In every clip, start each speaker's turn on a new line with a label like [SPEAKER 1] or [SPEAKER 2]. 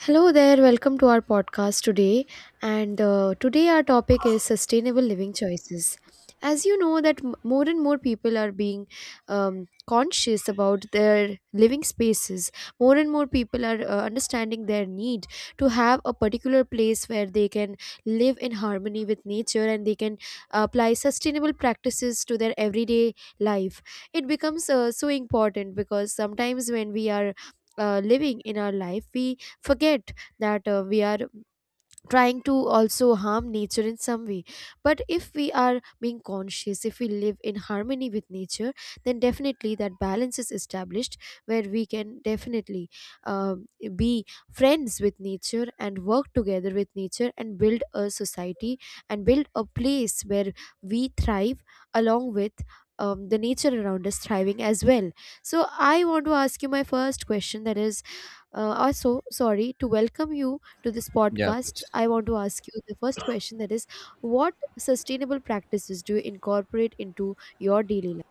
[SPEAKER 1] Hello there, welcome to our podcast today. And today our topic is sustainable living choices. As you know that more and more people are being conscious about their living spaces. More and more people are understanding their need to have a particular place where they can live in harmony with nature and they can apply sustainable practices to their everyday life. It becomes so important because sometimes when we are living in our life we forget that we are trying to also harm nature in some way, but if we are being conscious, if we live in harmony with nature, then definitely that balance is established where we can definitely um, be friends with nature and work together with nature and build a society and build a place where we thrive along with the nature around us thriving as well. So I want to ask you my first question, that is, also, sorry, to welcome you to this
[SPEAKER 2] Yeah,
[SPEAKER 1] podcast.
[SPEAKER 2] please.
[SPEAKER 1] I want to ask you the first question, that is, what sustainable practices do you incorporate into your daily life?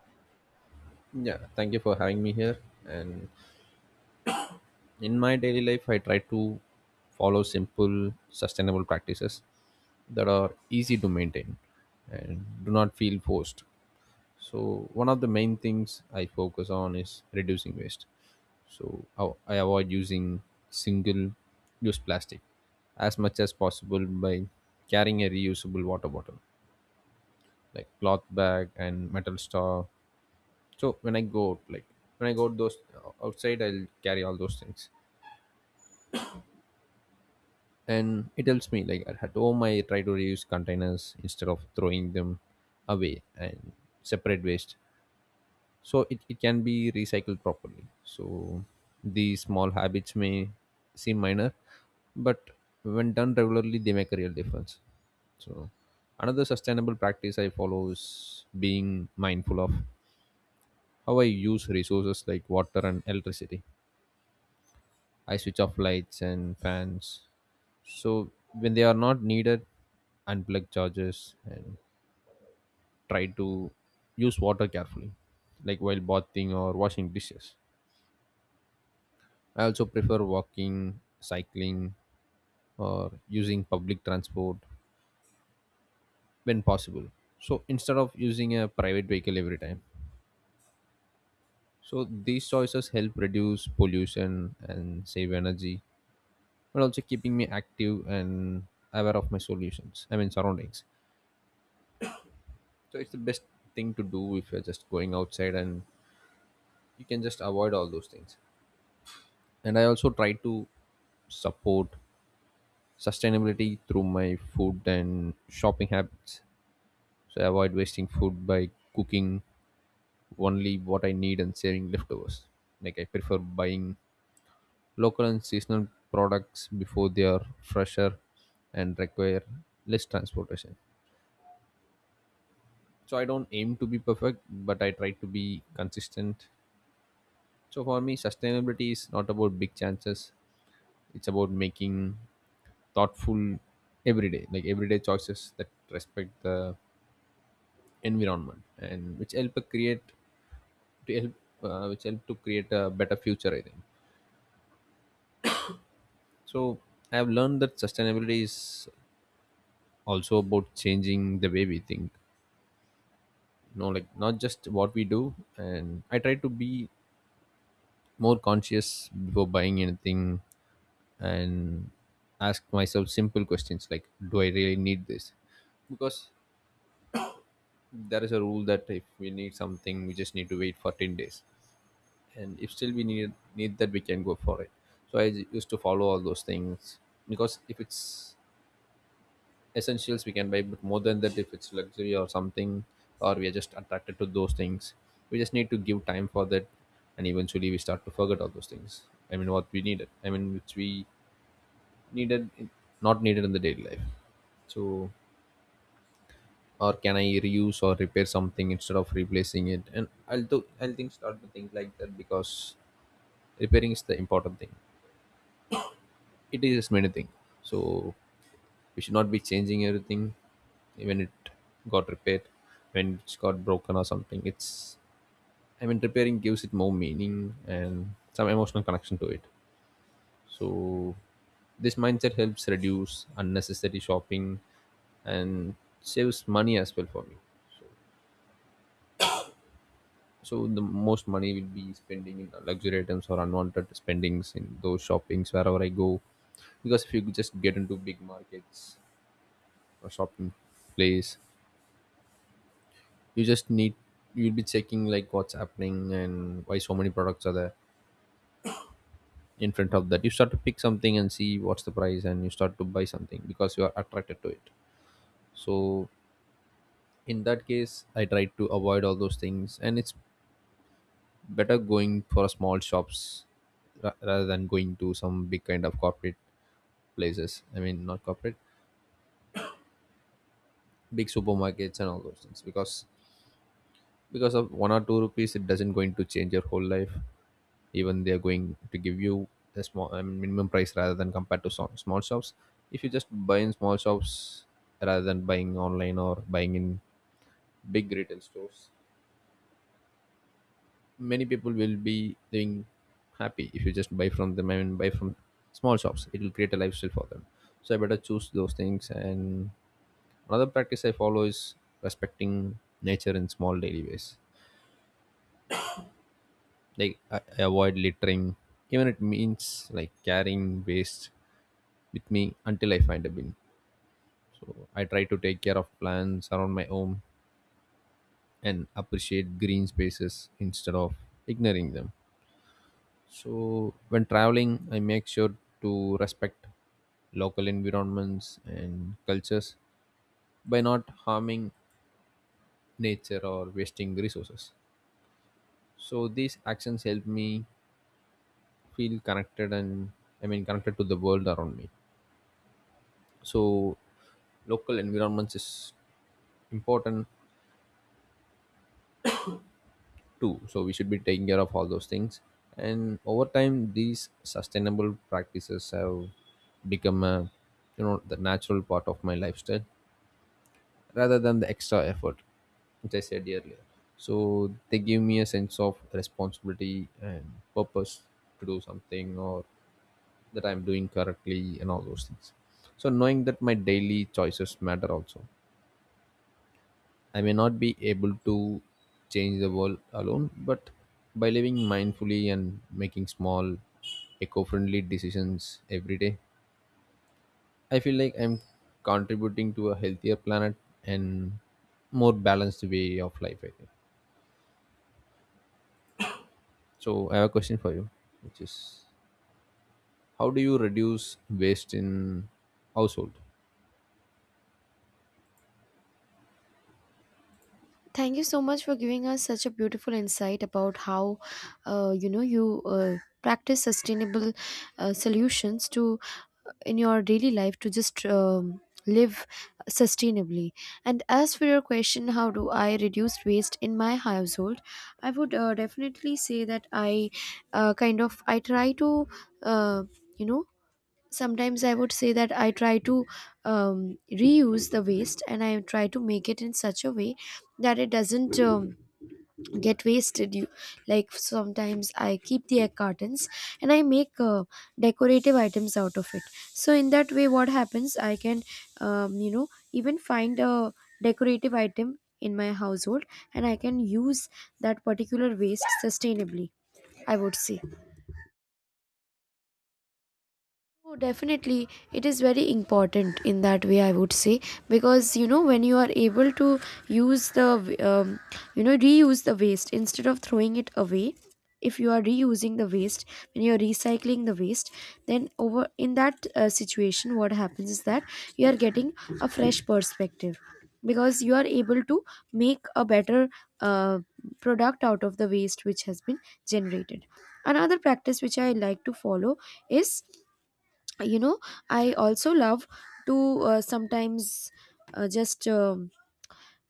[SPEAKER 2] Yeah, thank you for having me here. And in my daily life, I try to follow simple, sustainable practices that are easy to maintain and do not feel forced. So, one of the main things I focus on is reducing waste. So, I avoid using single use plastic as much as possible by carrying a reusable water bottle, like cloth bag and metal straw, so when I go out, like when I go out those outside I'll carry all those things and it helps me. Like at home, I try to reuse containers instead of throwing them away and separate waste so it can be recycled properly. So these small habits may seem minor, but when done regularly they make a real difference. So another sustainable practice I follow is being mindful of how I use resources like water and electricity. I switch off lights and fans. So when they are not needed, unplug chargers and try to use water carefully, like while bathing or washing dishes. I also prefer walking, cycling, or using public transport when possible. So instead of using a private vehicle every time. So these choices help reduce pollution and save energy, but also keeping me active and aware of my solutions. I mean surroundings. So it's the best thing to do if you're just going outside and you can just avoid all those things. And I also try to support sustainability through my food and shopping habits. So I avoid wasting food by cooking only what I need and saving leftovers. Like I prefer buying local and seasonal products before they are fresher and require less transportation. So I don't aim to be perfect, but I try to be consistent. So for me, sustainability is not about big chances. It's about making thoughtful everyday choices that respect the environment and which help which help to create a better future, I think so. I have learned that sustainability is also about changing the way we think, like not just what we do. And I try to be more conscious before buying anything and ask myself simple questions like, do I really need this? Because there is a rule that if we need something we just need to wait for 10 days, and if still we need that, we can go for it. So I used to follow all those things, because if it's essentials we can buy, but more than that, if it's luxury or something, or we are just attracted to those things, we just need to give time for that, and eventually we start to forget all those things. I mean which we needed, not needed in the daily life. So, or can I reuse or repair something instead of replacing it? And I'll do I'll think start to think like that, because repairing is the important thing. It is many thing. So we should not be changing everything when it got repaired, when it's got broken or something. It's, I mean, repairing gives it more meaning and some emotional connection to it. So this mindset helps reduce unnecessary shopping and saves money as well for me. So the most money will be spending in luxury items or unwanted spendings in those shoppings wherever I go. Because if you just get into big markets or shopping place, you just need, you'll be checking like what's happening and why so many products are there in front of that. You start to pick something and see what's the price, and you start to buy something because you are attracted to it. So in that case I try to avoid all those things, and it's better going for small shops rather than going to some big kind of corporate places I mean not corporate big supermarkets and all those things, because of one or two rupees it doesn't going to change your whole life. Even they're going to give you a minimum price rather than compared to small shops. If you just buy in small shops rather than buying online or buying in big retail stores, many people will be being happy if you just buy from them, buy from small shops. It will create a lifestyle for them. So I better choose those things. And another practice I follow is respecting nature in small daily ways, like I avoid littering, even it means like carrying waste with me until I find a bin. So I try to take care of plants around my home and appreciate green spaces instead of ignoring them. So when traveling, I make sure to respect local environments and cultures by not harming nature or wasting resources. So these actions help me feel connected and I mean connected to the world around me. So local environments is important too. So we should be taking care of all those things. And over time, these sustainable practices have become a, you know, the natural part of my lifestyle rather than the extra effort which I said earlier. So they give me a sense of responsibility and purpose to do something, or that I'm doing correctly and all those things. So knowing that my daily choices matter also, I may not be able to change the world alone, but by living mindfully and making small eco-friendly decisions every day, I feel like I'm contributing to a healthier planet and more balanced way of life, I think. So I have a question for you, which is how do you reduce waste in household?
[SPEAKER 1] Thank you so much for giving us such a beautiful insight about how, you practice sustainable solutions to, in your daily life, to just live sustainably. And as for your question, how do I reduce waste in my household, I would definitely say that I kind of I try to uh, you know sometimes, I would say that I try to um, reuse the waste and I try to make it in such a way that it doesn't get wasted, you, like sometimes I keep the egg cartons and I make decorative items out of it. So in that way, what happens, I can um, you know even find a decorative item in my household, and I can use that particular waste sustainably, I would say. Oh, definitely. It is very important in that way, I would say, because you know, when you are able to use the, reuse the waste instead of throwing it away, if you are reusing the waste, when you are recycling the waste, then over in that situation, what happens is that you are getting a fresh perspective because you are able to make a better uh, product out of the waste which has been generated. Another practice which I like to follow is, you know, I also love to sometimes just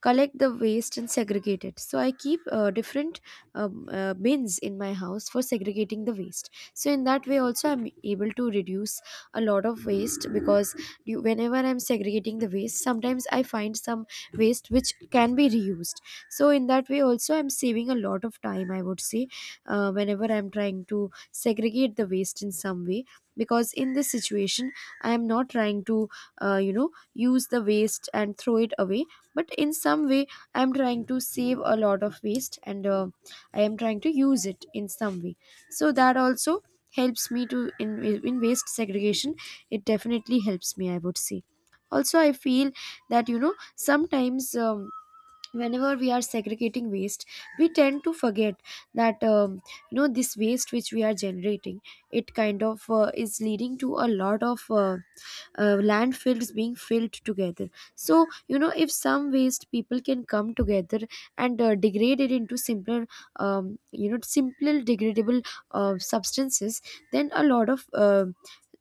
[SPEAKER 1] collect the waste and segregate it. So I keep different bins in my house for segregating the waste. So in that way also I'm able to reduce a lot of waste because you, whenever I'm segregating the waste, sometimes I find some waste which can be reused. So in that way also, I'm saving a lot of time, I would say, whenever I'm trying to segregate the waste in some way, because in this situation I am not trying to uh, you know use the waste and throw it away, but in some way I'm trying to save a lot of waste, and I am trying to use it in some way. So that also helps me to, in waste segregation, it definitely helps me, I would say. Also I feel that, you know, sometimes, whenever we are segregating waste, we tend to forget that, you know, this waste which we are generating, it kind of is leading to a lot of landfills being filled together. So you know, if some waste people can come together and degrade it into simpler you know, simple degradable substances, then a lot of uh,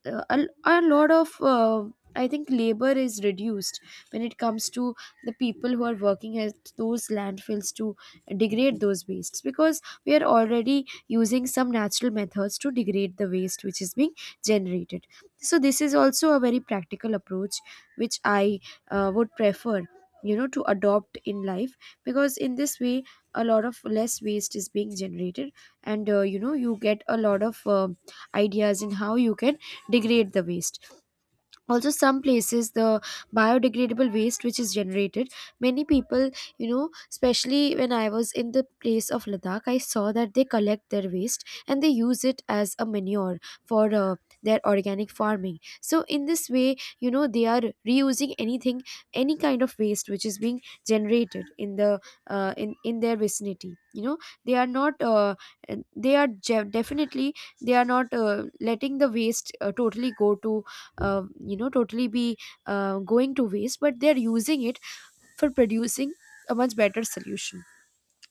[SPEAKER 1] uh, a, a lot of, I think, labor is reduced when it comes to the people who are working at those landfills to degrade those wastes, because we are already using some natural methods to degrade the waste which is being generated. So this is also a very practical approach which I would prefer, you know, to adopt in life, because in this way a lot of less waste is being generated, and you know, you get a lot of ideas in how you can degrade the waste. Also, some places, the biodegradable waste which is generated, many people, you know, especially when I was in the place of Ladakh, I saw that they collect their waste and they use it as a manure for their organic farming. So in this way, you know, they are reusing anything, any kind of waste which is being generated in the in their vicinity. You know, they are not they are je- definitely, they are not letting the waste totally go to, you know, totally be going to waste, but they're using it for producing a much better solution.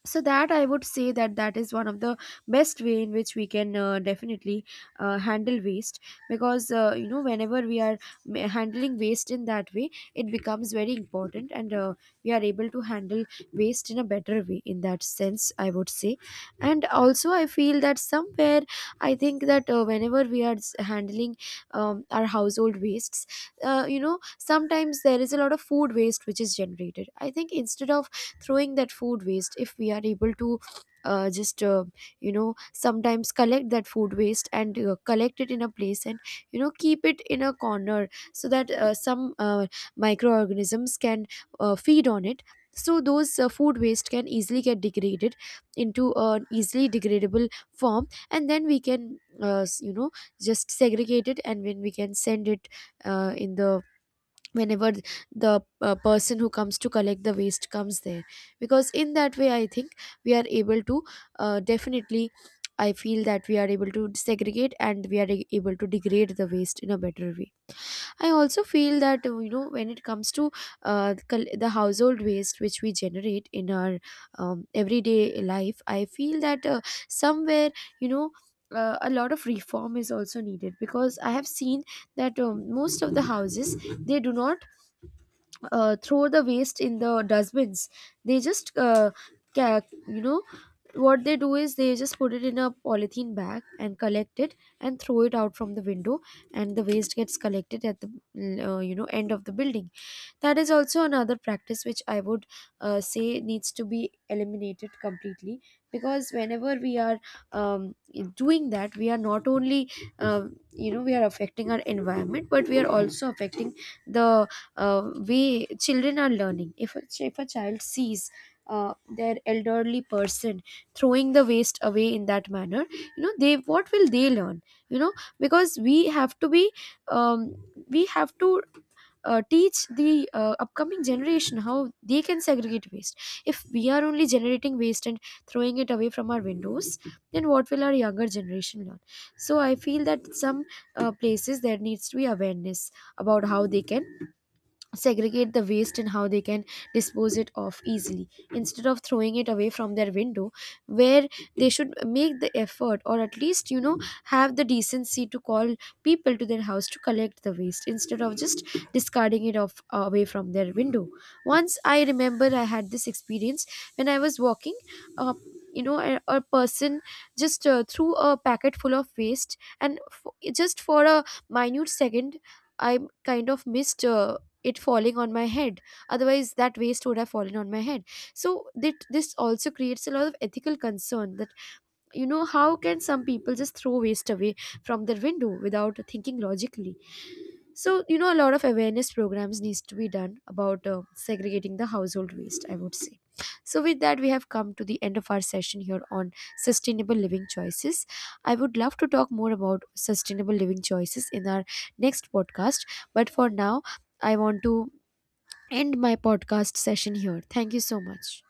[SPEAKER 1] So that, I would say that that is one of the best way in which we can definitely handle waste, because you know, whenever we are handling waste in that way, it becomes very important, and we are able to handle waste in a better way, in that sense, I would say. And also I feel that somewhere I think that whenever we are handling our household wastes, you know, sometimes there is a lot of food waste which is generated. I think, instead of throwing that food waste, if we are able to just you know, sometimes collect that food waste and collect it in a place and, you know, keep it in a corner so that some microorganisms can feed on it, so those food waste can easily get degraded into an easily degradable form, and then we can you know, just segregate it, and when we can send it in the, whenever the person who comes to collect the waste comes there. Because in that way, I think, we are able to definitely, I feel that we are able to segregate, and we are able to degrade the waste in a better way. I also feel that you know, when it comes to the household waste which we generate in our everyday life, I feel that somewhere, you know, a lot of reform is also needed, because I have seen that most of the houses, they do not throw the waste in the dustbins. They just ca- you know, what they do is they just put it in a polythene bag and collect it and throw it out from the window, and the waste gets collected at the you know, end of the building. That is also another practice which I would say needs to be eliminated completely, because whenever we are um, doing that, we are not only, um you know, we are affecting our environment, but we are also affecting the uh, way children are learning. If if a child sees their elderly person throwing the waste away in that manner, you know, they what will they learn, you know? Because we have to be um, we have to teach the upcoming generation how they can segregate waste. If we are only generating waste and throwing it away from our windows, then what will our younger generation learn? So I feel that some places, there needs to be awareness about how they can segregate the waste and how they can dispose it off easily, instead of throwing it away from their window, where they should make the effort, or at least, you know, have the decency to call people to their house to collect the waste instead of just discarding it off away from their window. Once I remember I had this experience when I was walking, uh, you know, a person just threw a packet full of waste, and just for a minute second, I kind of missed it falling on my head. Otherwise that waste would have fallen on my head. So that, this also creates a lot of ethical concern that, you know, how can some people just throw waste away from their window without thinking logically? So you know, a lot of awareness programs needs to be done about segregating the household waste, I would say. So with that, we have come to the end of our session here on sustainable living choices. I would love to talk more about sustainable living choices in our next podcast, but for now I want to end my podcast session here. Thank you so much.